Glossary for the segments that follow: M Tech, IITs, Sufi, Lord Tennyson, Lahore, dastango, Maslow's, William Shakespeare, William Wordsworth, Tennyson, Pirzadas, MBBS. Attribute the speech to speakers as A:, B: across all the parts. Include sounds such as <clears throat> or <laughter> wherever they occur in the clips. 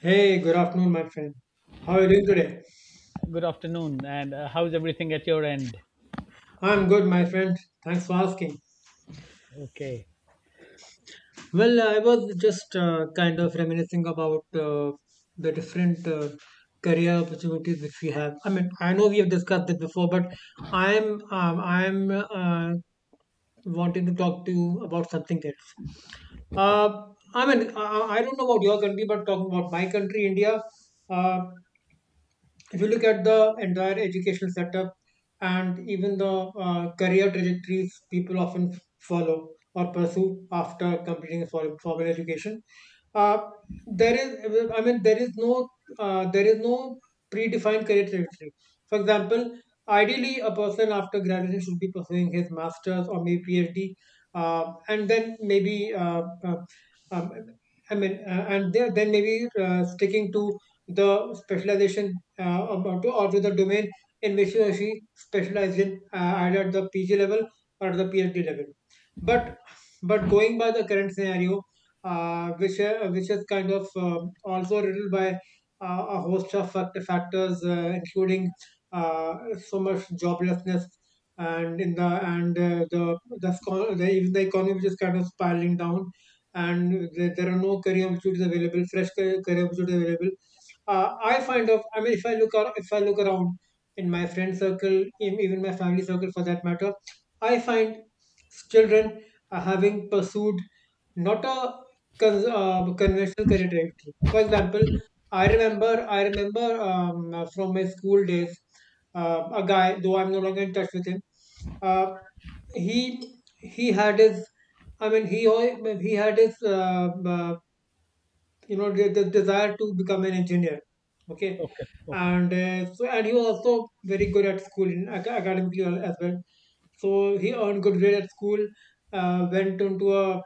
A: Hey, good afternoon, my friend. How are you doing today?
B: Good afternoon. And how's everything at your end?
A: I'm good, my friend. Thanks for asking.
B: Okay.
A: Well, I was just kind of reminiscing about the different career opportunities which we have. I mean, I know we have discussed this before, but I'm wanting to talk to you about something else.
B: Okay.
A: Uh, I mean, I don't know about your country, but talking about my country, India. Uh, if you look at the entire educational setup and even the career trajectories people often follow or pursue after completing a formal education. Uh, there is i mean there is no predefined career trajectory. For example, ideally a person after graduation should be pursuing his masters or maybe phd, and then maybe uh, um, I mean, and then maybe sticking to the specialization, or to the domain in which he or she specialized in, either at the PG level or at the PhD level. But but going by the current scenario, which is kind of also riddled by a host of factors, including uh, so much joblessness, and the, scho- the even the economy, which is kind of spiraling down, and there are no career opportunities available. Fresh career opportunities available. I I mean, if I look around in my friend circle, even my family circle for that matter, I find children are having pursued not a conventional career trajectory. For example, I remember from my school days, a guy, though I'm no longer in touch with him. Uh, he had his, I mean, he had his the desire to become an engineer. Okay,
B: Okay. Okay.
A: and he was also very good at school, academically as well. So he earned good grade at school, went into a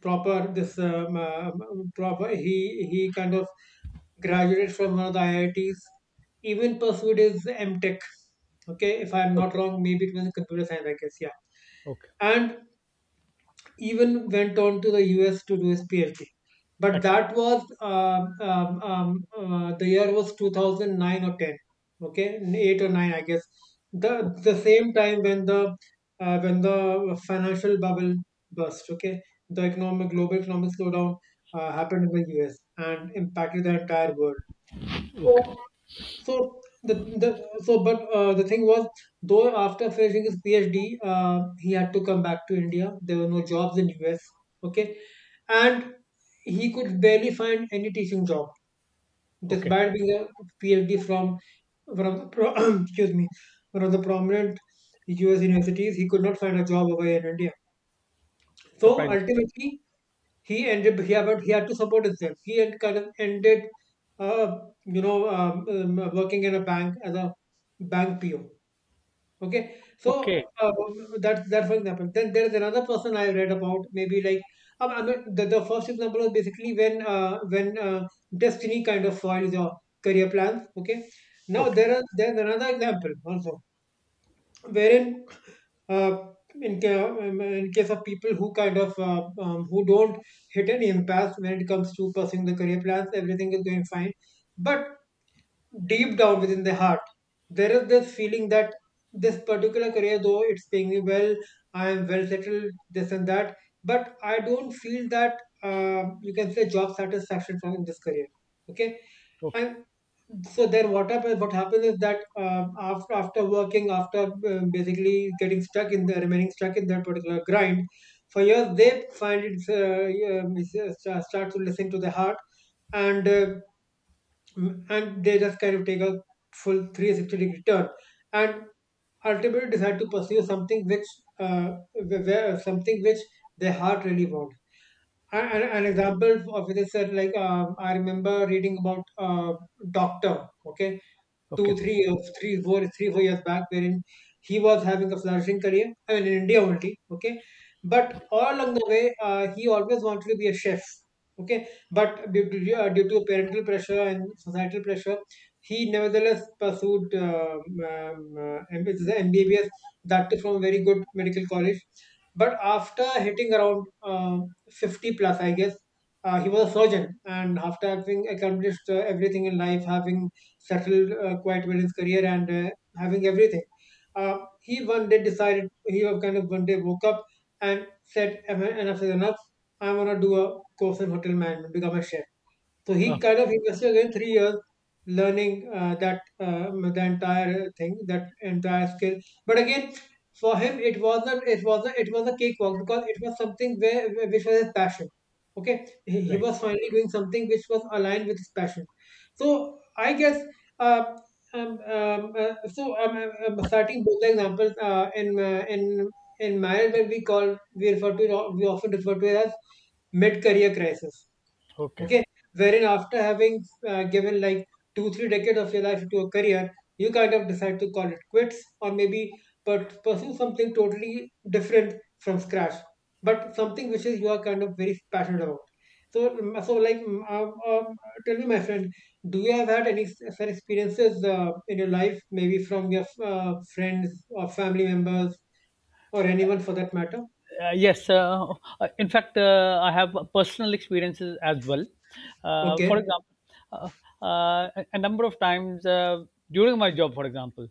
A: proper this proper he kind of graduated from one of the IITs, even pursued his M Tech. Okay, if I'm not
B: Okay.
A: wrong, maybe it was in computer science, I guess. Yeah,
B: Okay.
A: and even went on to the US to do his PhD. But
B: Action.
A: that was the year was 2009 or 10, okay, eight or nine, I guess. The
B: Okay.
A: the same time when the financial bubble burst. Okay, the economic global economic slowdown happened in the US and impacted the entire world. So
B: Okay.
A: so the so but the thing was, though, after finishing his PhD, he had to come back to India. There were no jobs in US. Okay, and he could barely find any teaching job
B: Okay.
A: despite being a PhD from <clears throat> <coughs> excuse me, one of the prominent US universities. He could not find a job over here in India. So
B: Surprise.
A: ultimately, he had to support himself. He had kind of ended uh, working in a bank as a bank PO, okay. So
B: Okay.
A: uh, that's for example. Then there is another person I read about, maybe, like, I mean, the first example was basically when destiny kind of foils your career plans, okay. Now
B: Okay.
A: there's another example also, wherein uh, in case of people who who don't hit any impasse when it comes to pursuing the career plans, everything is going fine, but deep down within the heart, there is this feeling that this particular career, though it's paying me well, I am well settled, this and that, but I don't feel that you can say job satisfaction from this career, okay.
B: Okay.
A: And so then what happens is that, after working, after basically getting stuck in the remaining stuck in that particular grind for years, they find it it's, sta- start to listen to the heart, and they just kind of take a full 360 degree turn, and ultimately decide to pursue something which their heart really wants. An example of this is, like, I remember reading about doctor. Okay,
B: Okay.
A: two, three, three, four, three, 4 years back, wherein he was having a flourishing career. I mean, in India only, okay. But all along the way, he always wanted to be a chef, okay. But due to parental pressure and societal pressure, he nevertheless pursued MBBS, that too from a very good medical college. But after hitting around 50 plus, I guess, he was a surgeon, and after having accomplished everything in life, having settled quite well his career, and having everything. He one day decided. He was kind of one day woke up and said, Enough is enough. I'm going to do a course in hotel management, become a chef." So he
B: Okay.
A: kind of invested again 3 years learning that the entire thing, that entire skill. But again, for him, it wasn't, it was a cakewalk, because it was something which was his passion. Okay, he
B: Right.
A: was finally doing something which was aligned with his passion. So, I guess. Uh, um, um, uh, so um, Starting both the examples, in marriage, when we refer to it, we often refer to it as mid-career crisis,
B: Okay.
A: okay, wherein after having given like two three decades of your life to a career, you kind of decide to call it quits, or maybe, but pursue something totally different from scratch, but something which is you are kind of very passionate about. So, tell me, my friend, do you have had any such experiences in your life, maybe from your friends or family members, or anyone for that matter?
B: Yes, in fact, I have personal experiences as well. For
A: Okay.
B: example, uh, a number of times during my job, for example,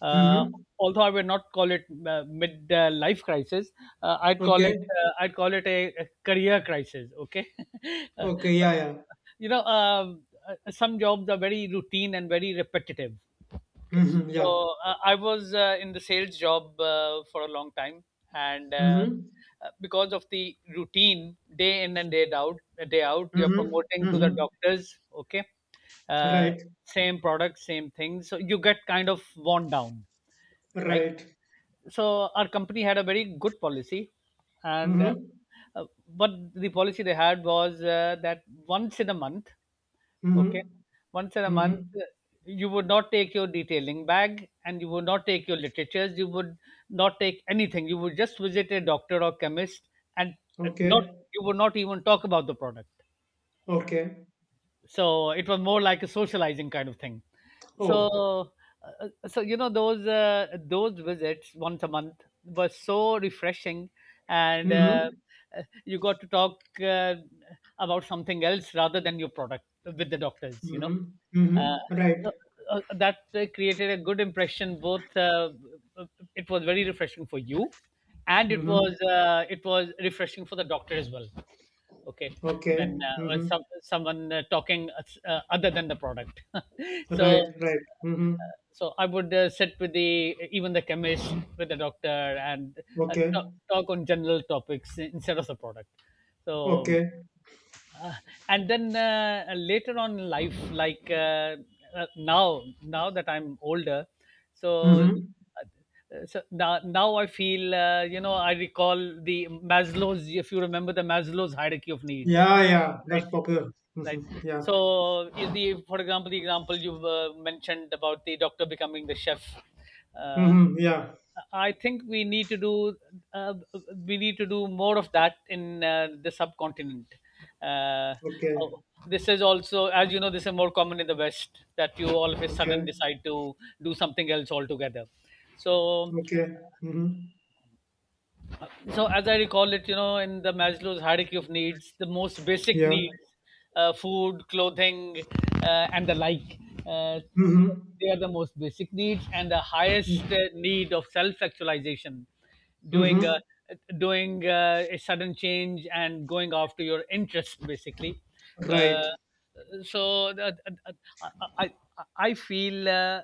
B: uh,
A: Mm-hmm.
B: although I would not call it mid-life crisis,
A: Okay.
B: I'd call it a career crisis. Okay. <laughs> Uh,
A: Okay. Yeah,
B: okay.
A: yeah.
B: you know, um, some jobs are very routine and very repetitive. Okay.
A: Mm-hmm. Yeah.
B: So I was in the sales job for a long time, and
A: Mm-hmm.
B: because of the routine, day in and day out, you're
A: Mm-hmm.
B: promoting to the
A: Mm-hmm.
B: doctors. Okay. uh,
A: Right.
B: Same product, same thing. So you get kind of worn down, right?
A: Right.
B: So our company had a very good policy, and
A: Mm-hmm.
B: uh, what the policy they had was that once in a month. Okay.
A: Mm-hmm.
B: Once in a
A: Mm-hmm.
B: month, you would not take your detailing bag and you would not take your literatures. You would not take anything. You would just visit a doctor or chemist and not,
A: Okay.
B: you would not even talk about the product.
A: Okay.
B: So it was more like a socializing kind of thing.
A: Oh.
B: So uh, so you know those visits once a month were so refreshing, and
A: Mm-hmm.
B: you got to talk about something else rather than your product with the doctors.
A: Mm-hmm.
B: uh,
A: Mm-hmm. Right.
B: so, that created a good impression. Both it was very refreshing for you, and it
A: Mm-hmm.
B: was uh, it was refreshing for the doctor as well. Okay.
A: Okay.
B: When
A: Mm-hmm.
B: some, someone talking s- other than the product. <laughs> So
A: Right. Right. Mm-hmm.
B: so I would sit with, the even the chemist, with the doctor, and uh, talk,
A: Okay.
B: talk on general topics instead of the product. So
A: Okay.
B: uh, and then later on in life, like now that I'm older, so
A: Mm-hmm.
B: so now I feel, I recall the Maslow's, if you remember the Maslow's hierarchy of needs,
A: Yeah. Yeah. That's
B: right?
A: popular. Mm-hmm.
B: Right.
A: Yeah.
B: So is the for example, the example you mentioned about the doctor becoming the chef. uh,
A: Mm-hmm. Yeah.
B: I think uh, we need to do more of that in the subcontinent. uh, oh,
A: Okay.
B: this is also, as you know, this is more common in the West, that you all of a sudden
A: Okay.
B: decide to do something else altogether. So
A: Okay. Mm-hmm.
B: so, as I recall it, in the Maslow's hierarchy of needs, the most basic
A: Yeah.
B: needs, food, clothing, and the like, uh,
A: Mm-hmm.
B: they are the most basic needs, and the highest need of self-actualization, doing
A: Mm-hmm.
B: a doing a sudden change and going after your interests, basically. Uh,
A: Right.
B: so, that, I, I I feel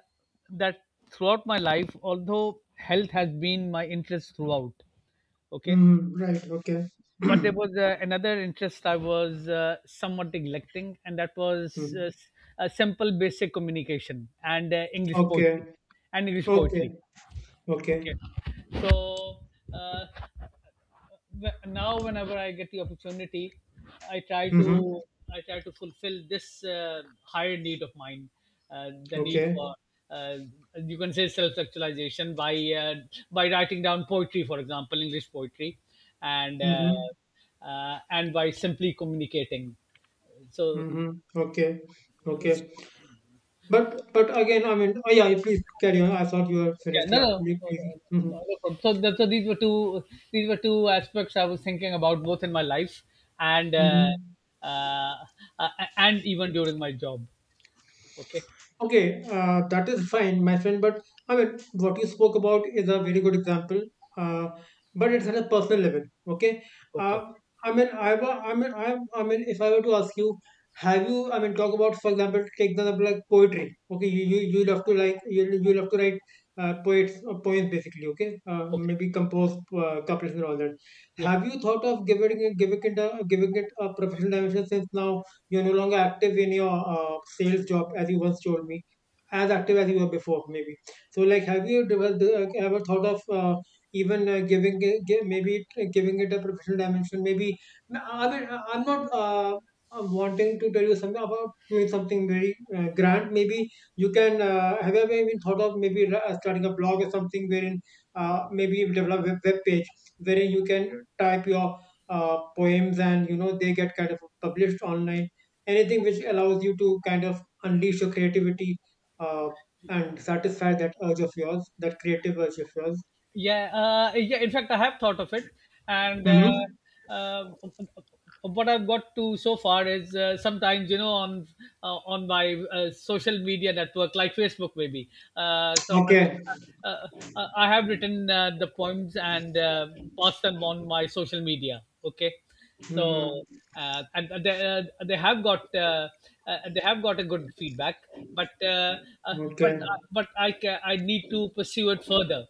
B: that throughout my life, although health has been my interest throughout. Okay.
A: Mm-hmm. Right. Okay.
B: But there
A: <clears throat>
B: was another interest I was somewhat neglecting, and that was
A: Mm.
B: simple basic communication and English poetry.
A: Okay.
B: And English poetry.
A: Okay.
B: Okay.
A: Okay.
B: So uh, now whenever I get the opportunity, i try
A: Mm-hmm.
B: to I try to fulfill this higher need of mine, the need
A: Okay.
B: for uh, you can say self-actualization, by uh, writing down poetry, for example English poetry, and
A: Mm-hmm.
B: by simply communicating. So
A: Mm-hmm. Okay. Okay. But again, I mean, oh yeah, please carry on. I thought you were
B: yeah,
A: finished.
B: no,
A: Yeah.
B: no, no, no, no,
A: Mm-hmm.
B: no problem. So, that, so these were two aspects I was thinking about, both in my life and
A: Mm-hmm.
B: uh, uh, even during my job. Okay.
A: Okay, that is fine, my friend. But I mean, what you spoke about is a very good example. Uh, but it's at a personal level. Okay.
B: Okay,
A: Uh, I mean, I, wa- I mean, if I were to ask you, have you? I mean, talk about, for example, take the example, like poetry. Okay, you love to, like, you love to write poets poems basically. Okay,
B: okay.
A: maybe compose couplets and all that.
B: Yeah.
A: Have you thought of giving it a professional dimension since now? You're no longer active in your sales job, as you once told me, as active as you were before, maybe. So, like, have you developed, ever thought of even giving it a professional dimension? Maybe, I mean, I'm not I'm wanting to tell you something about doing something very grand. Maybe you can, have you ever even thought of maybe starting a blog or something, wherein maybe you develop a web page wherein you can type your poems, and they get kind of published online, anything which allows you to kind of unleash your creativity, uh, and satisfy that urge of yours, that creative urge of yours.
B: Yeah, yeah. In fact, I have thought of it, and
A: Mm-hmm.
B: uh, what I've got to so far is sometimes, on my social media network, like Facebook maybe. So
A: Okay.
B: uh, I have written the poems and passed them on my social media. Okay.
A: Mm-hmm.
B: So and they have got a good feedback, but uh,
A: Okay.
B: I need to pursue it further,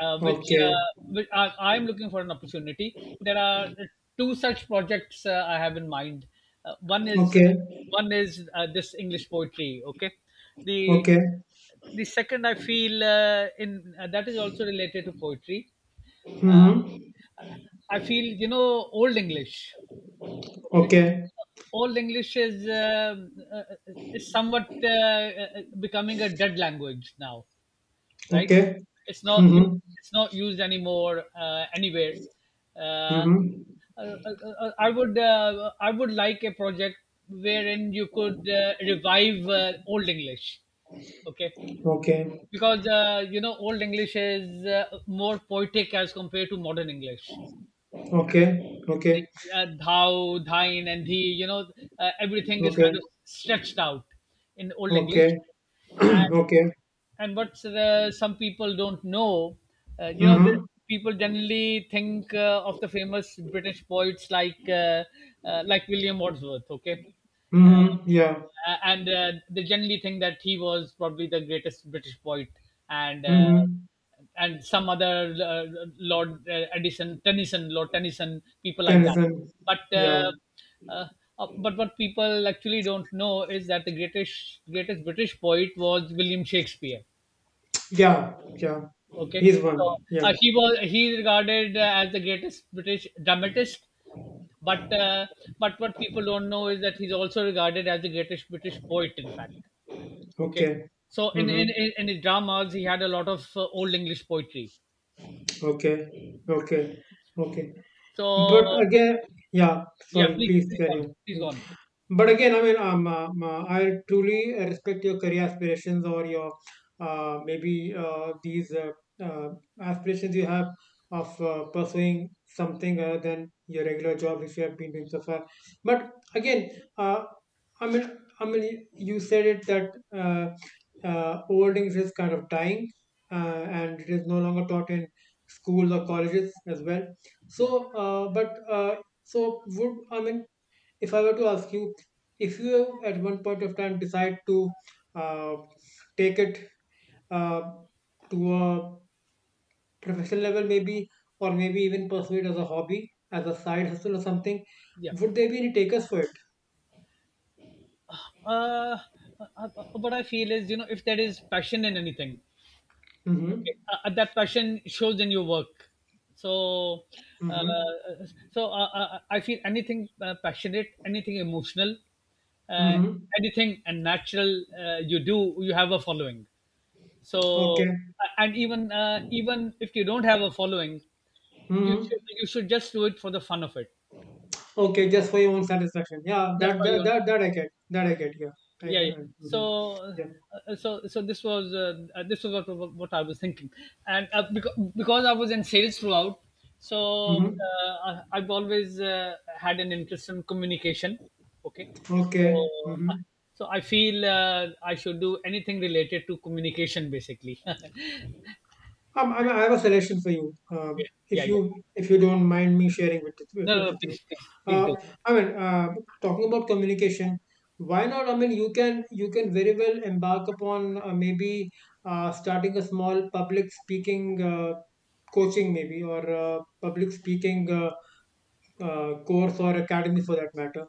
B: which,
A: Okay.
B: I, I'm looking for an opportunity. There are two such projects I have in mind. One is
A: Okay.
B: one is this English poetry. Okay. the
A: Okay.
B: the second I feel in that is also related to poetry. Uh,
A: Mm-hmm.
B: I feel, you know, old English. Okay.
A: Okay.
B: Old English is uh, somewhat becoming a dead language now, right?
A: Okay.
B: It's not you.
A: Mm-hmm.
B: It's not used anymore anywhere. Uh,
A: Mm-hmm.
B: I would like a project wherein you could revive old English, okay?
A: Okay.
B: Because you know old English is more poetic as compared to modern English.
A: Okay. Okay.
B: The, thou, thine, and thee. You know, everything is
A: Okay.
B: kind of stretched out in old English.
A: Okay. <clears throat> Okay.
B: And what's some people don't know, you know, the
A: Mm-hmm.
B: people generally think of the famous British poets like William Wordsworth. Okay.
A: Mm-hmm.
B: uh,
A: Yeah.
B: and they generally think that he was probably the greatest British poet, and
A: Mm-hmm.
B: some other Lord Edison, Tennyson, Lord Tennyson, people like that.
A: Tennyson.
B: But
A: Yeah.
B: uh, uh, but what people actually don't know is that the greatest British poet was William Shakespeare.
A: Yeah. Yeah.
B: Okay.
A: He's
B: So
A: one. Yeah.
B: he regarded as the greatest British dramatist, but uh, but what people don't know is that he's also regarded as the greatest British poet. In fact, okay,
A: Okay.
B: so
A: Mhm.
B: in his dramas he had a lot of old English poetry.
A: Okay. Okay. Okay.
B: So
A: But again, yeah,
B: yeah,
A: sorry, please
B: please go
A: carry
B: on,
A: on.
B: please go
A: Mm.
B: on.
A: But again, I mean, I truly respect your career aspirations or your maybe these uh, aspirations you have of pursuing something other than your regular job, which you have been doing so far. But again, uh, I mean, I mean, you said it that holdings is kind of dying, uh, and it is no longer taught in schools or colleges as well,
B: Yeah,
A: so, but so would, I mean, if I were to ask you if you at one point of time decide to uh, take it uh, to a professional level, maybe, or maybe even pursue it as a hobby, as a side hustle or something,
B: yeah.
A: would there be any takers for it?
B: Uh, uh, what I feel is, you know, if there is passion in anything.
A: Mm-hmm.
B: Okay. That passion shows in your work. So, uh,
A: Mm-hmm.
B: I feel anything passionate, anything emotional, uh,
A: Mm-hmm.
B: anything and natural you do, you have a following. So,
A: Okay.
B: and even if you don't have a following,
A: Mm-hmm.
B: you should just do it for the fun of it.
A: Okay, just for your own satisfaction. Yeah,
B: That's
A: that
B: why
A: that
B: you
A: that, that I get. That I get. Yeah.
B: Yeah, yeah.
A: Mhm.
B: So
A: Yeah.
B: this was what I was thinking, and because I was in sales throughout, so
A: Mm-hmm.
B: I've always had an interest in communication. Okay. So
A: Okay.
B: I-
A: Mm-hmm.
B: I feel I should do anything related to communication, basically. <laughs> Yeah,
A: I have a suggestion for you.
B: yeah,
A: If
B: yeah.
A: you don't mind me sharing with with,
B: No, no, no,
A: with you,
B: please, please, please do.
A: uh, I mean, talking about communication, why not? I mean, you can very well embark upon maybe starting a small public speaking coaching, maybe, or public speaking course or academy for that matter.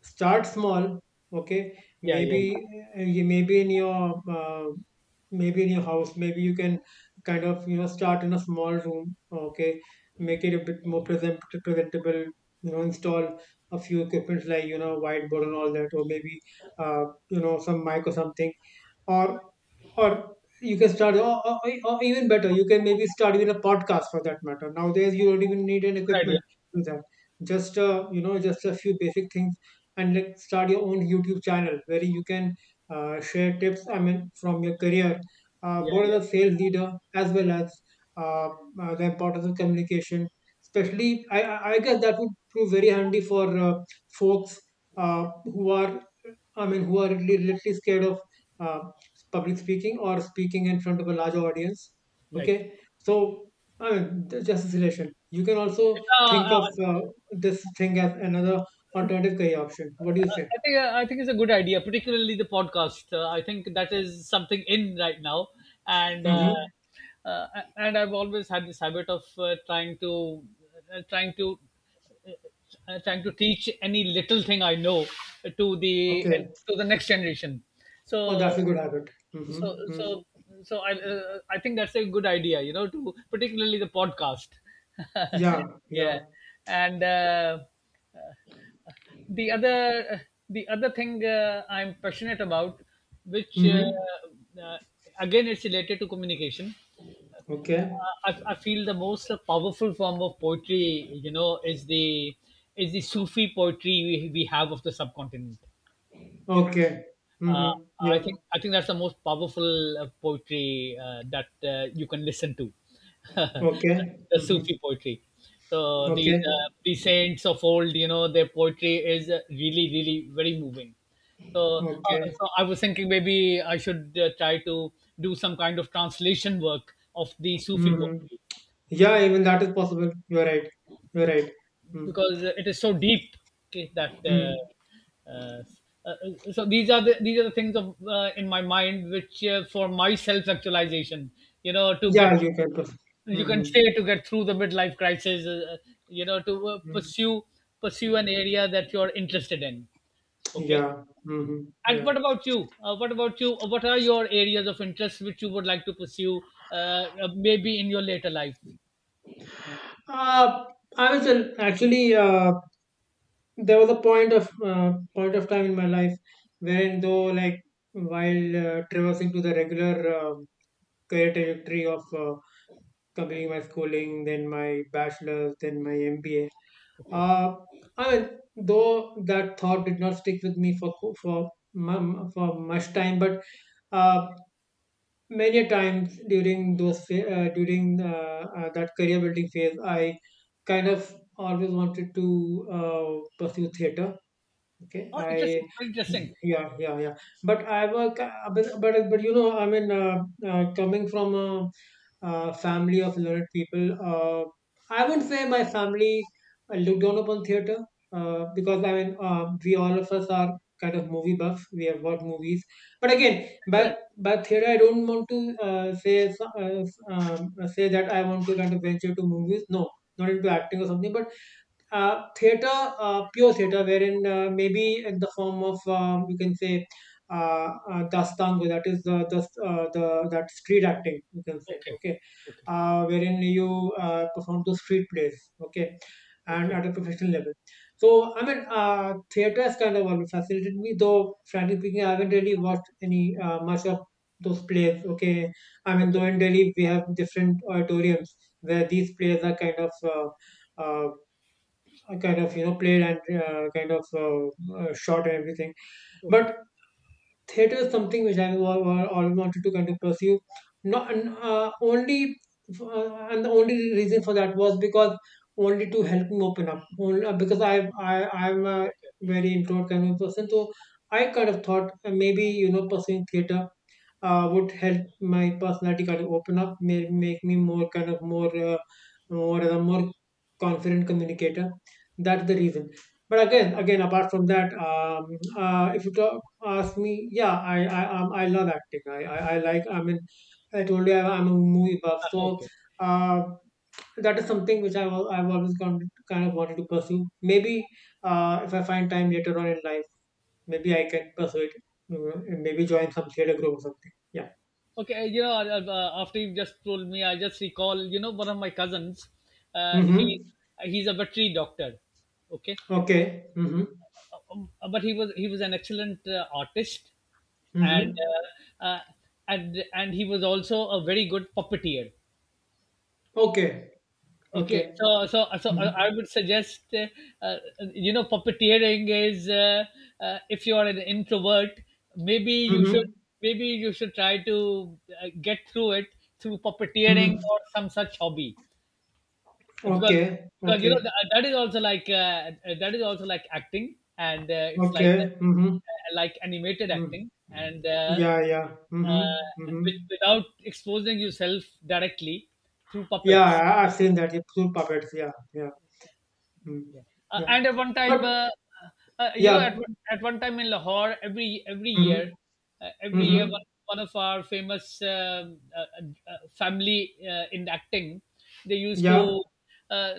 A: Start small, okay?
B: Yeah, yeah, yeah.
A: Maybe you, maybe in your house, maybe you can kind of, you know, start in a small room, okay? Make it a bit more presentable. You know, install a few equipments, like, you know, whiteboard and all that, or maybe uh, you know, some mic or something, or or you can start, or even better, you can maybe start with a podcast for that matter. Nowadays you don't even need an
B: Good idea.
A: equipment to do that, just you know, just a few basic things, and like, start your own YouTube channel where you can share tips, I mean, from your career,
B: Yeah,
A: both
B: yeah.
A: as a sales leader as well as uh, the importance of communication. Especially I guess that would prove very handy for folks uh, who are, I mean, who are really, literally scared of uh, public speaking or speaking in front of a large audience.
B: Right.
A: Okay, so, I mean, just this relation. You can also think
B: uh, uh,
A: of this thing as another alternative career option. What do you say?
B: I think it's a good idea, particularly the podcast. I think that is something in right now, and
A: Mm-hmm.
B: uh, I've always had this habit of uh, trying to uh, trying to teach any little thing I know to the
A: Okay.
B: to the next generation.
A: Oh,
B: So,
A: that's a good habit.
B: so
A: Mm-hmm.
B: so
A: Mm-hmm.
B: I think that's a good idea, you know, to, particularly the podcast. <laughs>
A: Yeah.
B: Yeah.
A: Yeah.
B: And uh, the other the other thing I'm passionate about, which
A: Mm-hmm.
B: uh, again, it's related to communication.
A: Okay.
B: I feel the most powerful form of poetry, you know, is the Sufi poetry we have of the subcontinent.
A: Okay.
B: Uh,
A: Mm-hmm. Yeah.
B: I think that's the most powerful poetry that you can listen to, <laughs>
A: Okay.
B: the
A: Mm-hmm.
B: Sufi poetry. So
A: Okay.
B: these saints of old, you know, their poetry is really, really very moving. So,
A: Okay.
B: I was thinking maybe I should try to do some kind of translation work of the Sufi
A: Mm-hmm.
B: poetry,
A: Yeah, even that is possible. You're right. You're right. Mm.
B: because it is so deep. Okay, that
A: Mm.
B: so these are the things of in my mind, which for my self actualization you know, to get,
A: Yeah, you can.
B: you can
A: Mhm.
B: say, to get through the midlife crisis, you know, to
A: Mm.
B: pursue an area that you're interested in. Okay.
A: Yeah. Hmm.
B: And
A: Yeah.
B: what about you? What are your areas of interest which you would like to pursue, maybe in your later life?
A: Uh, I was actually, there was a point of time in my life wherein, though, like, while traversing to the regular uh, career trajectory of completing my schooling, then my bachelor's, then my MBA.
B: Okay.
A: Uh, I mean, though that thought did not stick with me for for much time, but uh, many times during that career building phase, I kind of always wanted to pursue theater. Okay.
B: Oh, interesting,
A: I
B: interesting.
A: Yeah, yeah, yeah. But but you know, I mean, coming from a, family of learned people, I wouldn't say my family look down upon theater, because, I mean, we, all of us, are kind of movie buffs. We have watched movies, but again,
B: Excellent.
A: but theater, I don't want to say say that I want to kind of venture to movies. No, not into acting or something, but theater, pure theater, wherein maybe in the form of, you can say, dastango, that is the, that street acting, you can say,
B: Okay.
A: okay,
B: Okay.
A: wherein you perform to street plays, okay, and
B: Okay,
A: at a professional level. So, I mean, theater has kind of always fascinated me, though frankly speaking, I haven't really watched any much of those plays. Okay, I mean,
B: okay,
A: though in Delhi we have different auditoriums where these plays are uh, kind of, you know, played, and kind of shot and everything,
B: okay,
A: but theater is something which I always wanted to kind of pursue. Not and, only, and The only reason for that was, because only to help me open up. Only, because I I'm a
B: okay.
A: very introvert kind of person, so I kind of thought, maybe, you know, pursuing theater would help my personality kind of open up, make me more kind of more, more a more confident communicator. That's the reason. But again, apart from that, if ask me, yeah, I love acting. I like. I mean, I told you, I'm a movie buff, so
B: Okay,
A: uh, that is something which I've always gone to, kind of wanted to pursue. Maybe if I find time later on in life, maybe I can pursue it. You know, and maybe join some theater group or something. Yeah.
B: okay. You know, after you just told me, I just recall. You know, one of my cousins, uh, he
A: Mm-hmm.
B: he's a veterinary doctor. Okay.
A: Okay. Mm-hmm.
B: But he was an excellent artist, and
A: Mm-hmm.
B: uh, uh, and he was also a very good puppeteer.
A: Okay.
B: Okay,
A: Okay.
B: so so so I I
A: Mm-hmm.
B: would suggest uh, you know puppeteering is if you are an introvert, maybe you should
A: Mm-hmm.
B: maybe you should try to get through it through puppeteering
A: Mm-hmm.
B: or some such hobby because
A: Okay.
B: you know
A: Okay.
B: that is also like that is also like acting and it's
A: Okay. Mm-hmm.
B: like animated
A: Mm-hmm.
B: acting and
A: Yeah. Yeah.
B: uh,
A: Mm-hmm. Mm-hmm.
B: without exposing yourself directly through
A: Yeah,
B: puppets.
A: I've seen that. Yeah, soul puppets. Yeah, yeah. Mm.
B: Yeah.
A: Yeah.
B: And at one time,
A: But
B: you know,
A: yeah.
B: at one time in Lahore,
A: Mm-hmm.
B: every year,
A: Mm-hmm.
B: one of our famous family in acting, they used
A: Yeah.
B: to, uh,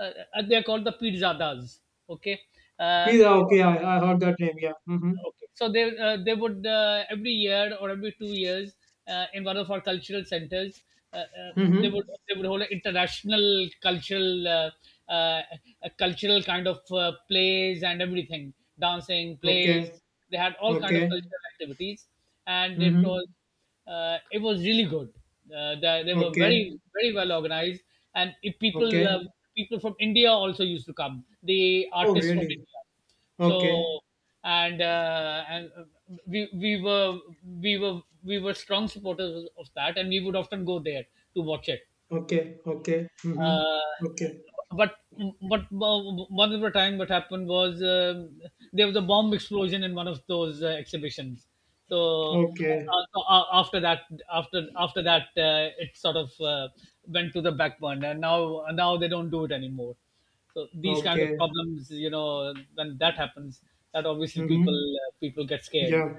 B: they're called the Pirzadas. Okay, uh,
A: Pizza.
B: so
A: Okay, I heard that name. Yeah. Mm-hmm.
B: Okay. So they would every year or every 2 years in one of our cultural centers. Uh, uh, they
A: Mm-hmm.
B: would hold an international cultural uh, a cultural kind of plays and everything, dancing
A: Okay,
B: plays. They had all kind
A: okay.
B: of cultural activities and
A: Mm-hmm.
B: it was really good. They were
A: Okay,
B: very very well organized, and if people
A: okay.
B: people from India also used to come. The
A: Oh,
B: artists from
A: really?
B: India.
A: Okay,
B: So and we we were we were strong supporters of that and we would often go there to watch it.
A: okay, okay. Mm-hmm.
B: uh,
A: Okay,
B: but but uh, one of the time what happened was, um, there was a bomb explosion in one of those exhibitions. So,
A: okay,
B: so after that, after that, it sort of went to the back burner. And now they don't do it anymore. So these kind
A: okay.
B: of problems, you know, when that happens, that obviously people
A: Mm-hmm.
B: people get scared.
A: Yeah,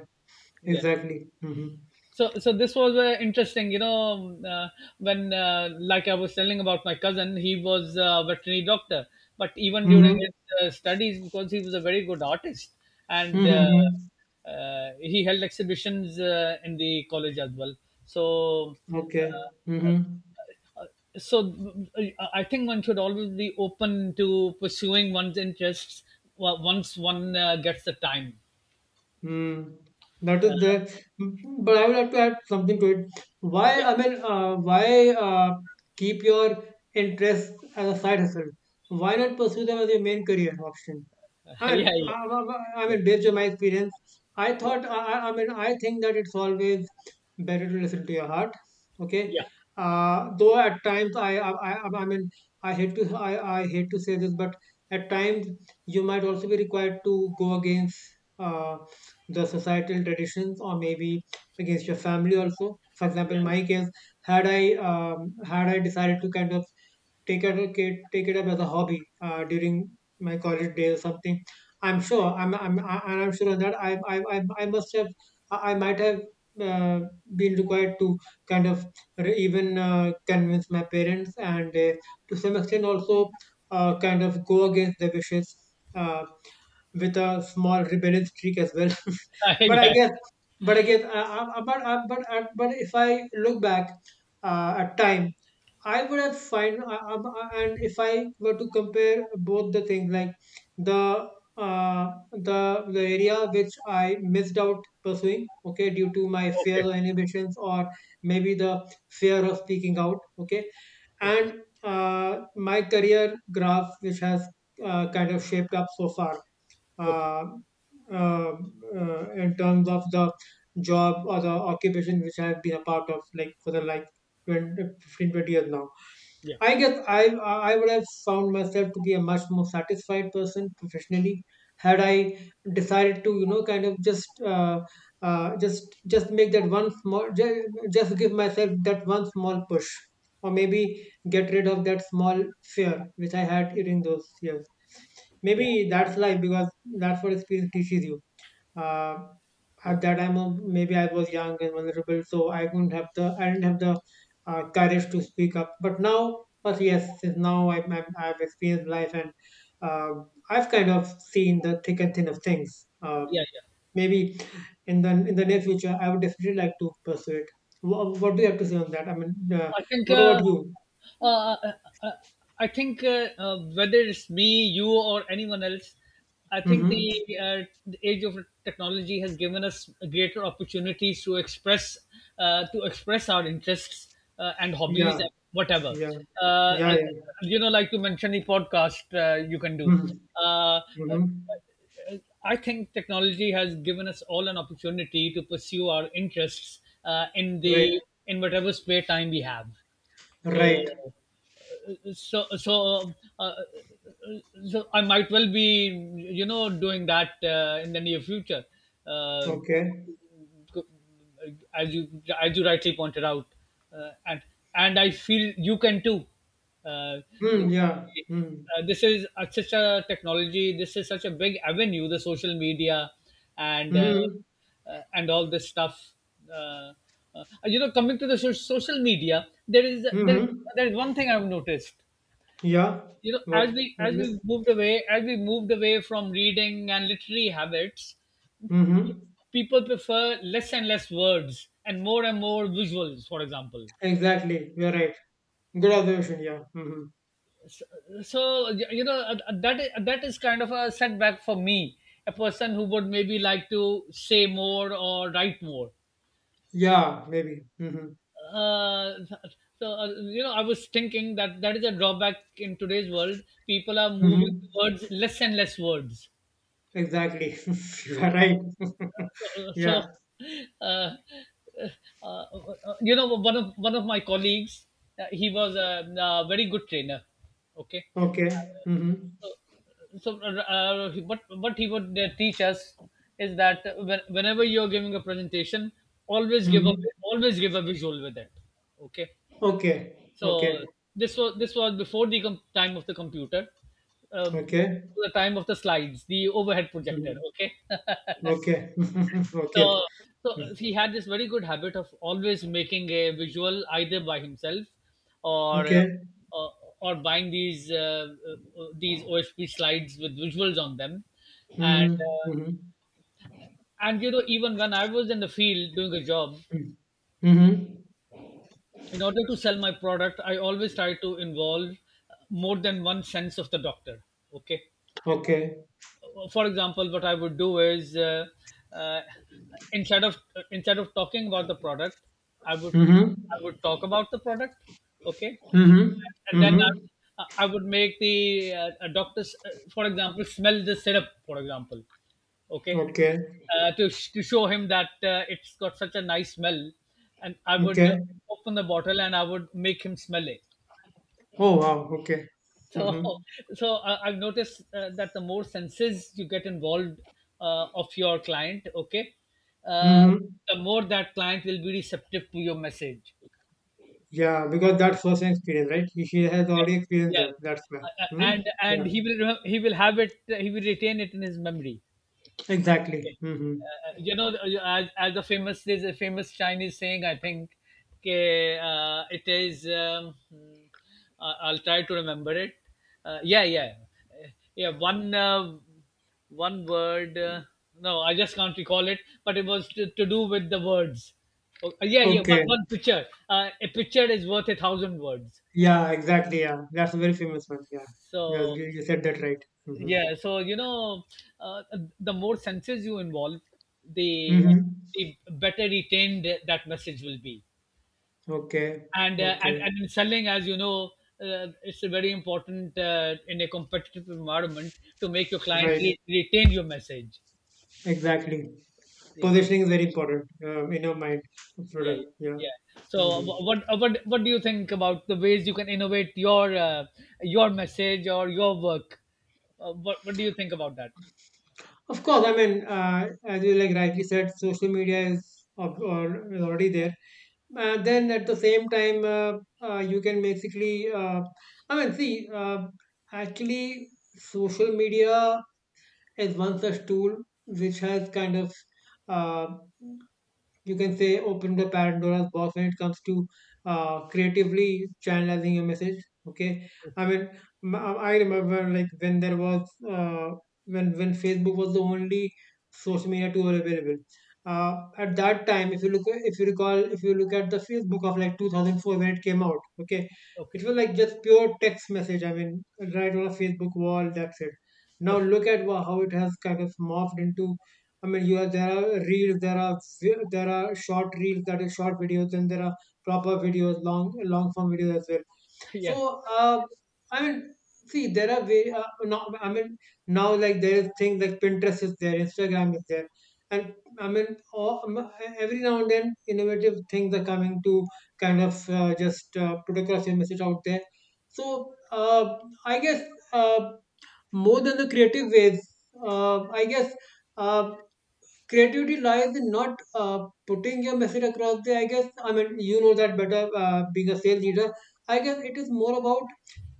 B: Yeah.
A: exactly. Mm-hmm,
B: So this was interesting, when like I was telling about my cousin, he was a veterinary doctor, but even during
A: mm-hmm,
B: his studies, because he was a very good artist and
A: mm-hmm. Mm-hmm.
B: he held exhibitions in the college as well. so
A: Okay.
B: uh,
A: Mm-hmm.
B: so I think one should always be open to pursuing one's interests once one gets the time.
A: Mm. That is there.
B: uh,
A: Mm, but I would like to add something to it. Why,
B: yeah.
A: I mean, why keep your interests as a side hustle? Why not pursue them as your main career option?
B: <laughs>
A: I mean,
B: Yeah, yeah,
A: I
B: yeah,
A: mean, based on my experience, I
B: yeah,
A: thought, I mean, I think that it's always better to listen to your heart.
B: yeah,
A: Okay, though at times I mean, I hate to, I, I hate to say this, but at times you might also be required to go against. Uh, the societal traditions, or maybe against your family also. For example, in
B: yeah,
A: my case, had I decided to kind of take it up as a hobby during my college day or something. I'm sure on that I must have, I might have uh, been required to kind of, re- even convince my parents, and to some extent also kind of go against their wishes, uh, with a small rebellious streak as well. <laughs>
B: <laughs>
A: But I
B: Yeah.
A: guess,
B: Yeah.
A: but I guess, but if I look back at time, I would have find I- and if I were to compare both the things, like the uh, the area which I missed out pursuing, okay, due to my fears
B: Okay.
A: or inhibitions, or maybe the fear of speaking out, okay,
B: Okay.
A: and my career graph which has kind of shaped up so far,
B: Okay.
A: uh, uh, in terms of the job or the occupation which I have been a part of, like for the, like, 20 15-20 years now,
B: Yeah.
A: I guess I would have found myself to be a much more satisfied person professionally, had I decided to, you know, kind of just make that one small ju- just give myself that one small push, or maybe get rid of that small fear which I had during those years.
B: Yeah.
A: Maybe that's life, because that's what experience teaches you. uh,
B: Yeah.
A: at that time, maybe I was young and vulnerable, so I didn't have the courage to speak up, but now but yes, since now, I've experienced life, and uh, I've kind of seen the thick and thin of things.
B: Yeah. Yeah.
A: Maybe in the near future I would definitely like to pursue it. What do you have to say on that? I mean,
B: I think.
A: what about you?
B: Uh, uh, uh, uh, I think, whether it's me, you, or anyone else, I think
A: Mm-hmm.
B: the, the age of technology has given us greater opportunities to express our interests and
A: Yeah,
B: hobbies and whatever.
A: yeah,
B: Uh,
A: yeah,
B: uh,
A: yeah.
B: you know, like you mentioned, the podcast you can do.
A: Mm-hmm.
B: Uh, uh,
A: Mm-hmm.
B: I think technology has given us all an opportunity to pursue our interests
A: Right,
B: in whatever spare time we have.
A: right.
B: So, uh, so so. Uh, so I might well be, you know, doing that in the near future. Uh,
A: Okay.
B: as you as you rightly pointed out, uh, and and I feel you can too. Uh, th-
A: Hmm. Yeah. Hmm.
B: this is such a technology. This is such a big avenue, the social media, and uh,
A: Hmm.
B: and all this stuff. Uh, you know, coming to the social media,
A: Hmm.
B: there is one thing I've noticed.
A: Yeah.
B: You know,
A: What? What
B: as
A: is
B: we
A: it?
B: moved away, as we moved away from reading and literary habits,
A: Hmm.
B: people prefer less and less words and more visuals, for example.
A: Exactly. You're right. Good observation. Yeah. Hmm.
B: So that is kind of a setback for me, a person who would maybe like to say more or write more.
A: Yeah. Maybe. Hmm.
B: uh, so uh, you know, I was thinking that that is a drawback in today's world. People are
A: Hmm.
B: moving towards less and less words.
A: Exactly. <laughs> You're right. <laughs>
B: so so
A: Yeah.
B: uh, uh, uh, you know, one of my colleagues, he was a very good trainer. Okay.
A: Okay. Hmm.
B: so what he would teach us is that whenever you're giving a presentation, always give a
A: Hmm.
B: always give a visual with it. Okay.
A: Okay.
B: So
A: Okay.
B: this was before the time of the computer, uh,
A: Okay.
B: the time of the slides, the overhead projector.
A: Hmm.
B: Okay.
A: Okay. <laughs> Okay.
B: So, so
A: Mm.
B: he had this very good habit of always making a visual either by himself or uh,
A: Okay.
B: or, or buying these OSP slides with visuals on them, and
A: Mm-hmm. Hmm.
B: you know, even when I was in the field doing a job,
A: Hmm. Hmm.
B: in order to sell my product, I always try to involve more than one sense of the doctor. Okay,
A: Okay.
B: for example, what I would do is uh, instead of instead of talking about the product, I would
A: Hmm.
B: I would talk about the product, okay,
A: Hmm. Hmm.
B: and then
A: Hmm.
B: I would make the a doctors, for example, smell the syrup, for example, okay,
A: Okay,
B: to show him that it's got such a nice smell, and I would
A: okay.
B: open the bottle and I would make him smell it.
A: Oh wow, okay.
B: <laughs> So,
A: Mm-hmm.
B: so I've noticed that the more senses you get involved of your client, okay, uh,
A: Mm-hmm.
B: the more that client will be receptive to your message.
A: Yeah, because that's first hand experience, right? She has already experienced
B: Yeah, yeah.
A: that. That's why.
B: Uh, uh,
A: Hmm?
B: and
A: Yeah,
B: and he will he will have it. He will retain it in his memory.
A: exactly. Mm-hmm.
B: You know, as the famous, there's a famous Chinese saying, I think, okay, it is. I- I'll try to remember it. Uh, yeah, yeah, Uh, yeah. One one word. No, I just can't recall it. But it was to do with the words. Oh, yeah, yeah.
A: Okay.
B: One picture. A picture is worth a thousand words.
A: Yeah, exactly. Yeah, that's a very famous one. Yeah, yeah.
B: So.
A: You said that right. Mm-hmm.
B: Yeah, so you know, uh, the more senses you involve, the
A: Mm-hmm.
B: the better retained that message will be.
A: Okay. Okay.
B: And in selling, as you know, it's very important in a competitive environment to make your client
A: Right.
B: retain your message.
A: Exactly.
B: Yeah,
A: Positioning is very important, in your mind.
B: yeah,
A: Product.
B: yeah.
A: Yeah.
B: Yeah. So
A: Mm-hmm.
B: what do you think about the ways you can innovate your message or your work? What do you think about that?
A: Of course, I mean, as you like rightly said, social media is already there. Then at the same time, you can basically, I mean, see, actually, social media is one such tool which has kind of, uh, you can say, open the Pandora's box when it comes to creatively channelizing your message, okay? I
B: Okay,
A: mean, I remember, like, when there was uh, when Facebook was the only social media tool available, uh, at that time. If you recall, if you look at the Facebook of, like, 2004 when it came out, okay?
B: okay,
A: It was like just pure text message, I mean, right on a Facebook wall. That's it. Now
B: okay.
A: look at how it has kind of morphed into. I mean, you are there are reels, there are there are short reels, that is, short videos, and there are proper videos, long, long form videos as well.
B: <laughs> Yeah,
A: So, I mean, see, there are way. Now, I mean, now like, there is things like, Pinterest is there, Instagram is there, and I mean, every now and then innovative things are coming to kind of, just put across your message out there. So, I guess, uh, more than the creative ways, I guess. Uh, Creativity lies in not putting your message across. The I guess, I mean, you know that better, being a sales leader. I guess it is more about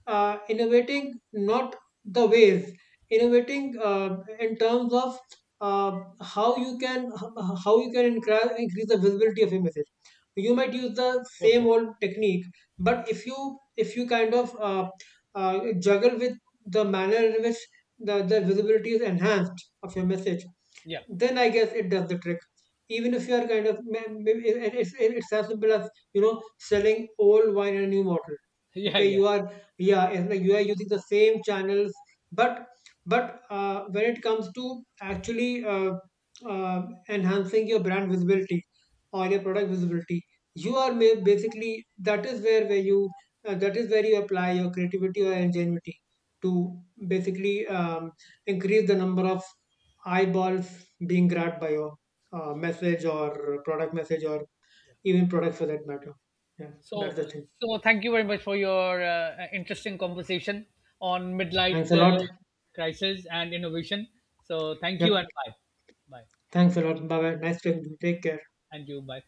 A: innovating, not the ways, innovating in terms of how how you can increase the visibility of your message. You might use the same
B: okay,
A: old technique, but if you kind of juggle with the manner in which the visibility is enhanced of your message,
B: yeah.
A: then I guess it does the trick. Even if you are kind of, maybe it's as simple as, you know, selling old wine in a new bottle.
B: <laughs> Yeah,
A: Okay,
B: yeah.
A: you are yeah, it's like you are using the same channels, but when it comes to actually uh, enhancing your brand visibility or your product visibility, basically that is where you, that is where you apply your creativity or ingenuity to basically, increase the number of eyeballs being grabbed by your message or product message, or even product for that matter. Yeah, that's the
B: So,
A: thing.
B: so thank you very much for your interesting conversation on
A: Thanks
B: midlife
A: a lot.
B: crisis and innovation. So, thank you
A: Yep.
B: and bye, bye,
A: Thanks a lot. Bye bye. Nice talking to you. Take care.
B: and you bye.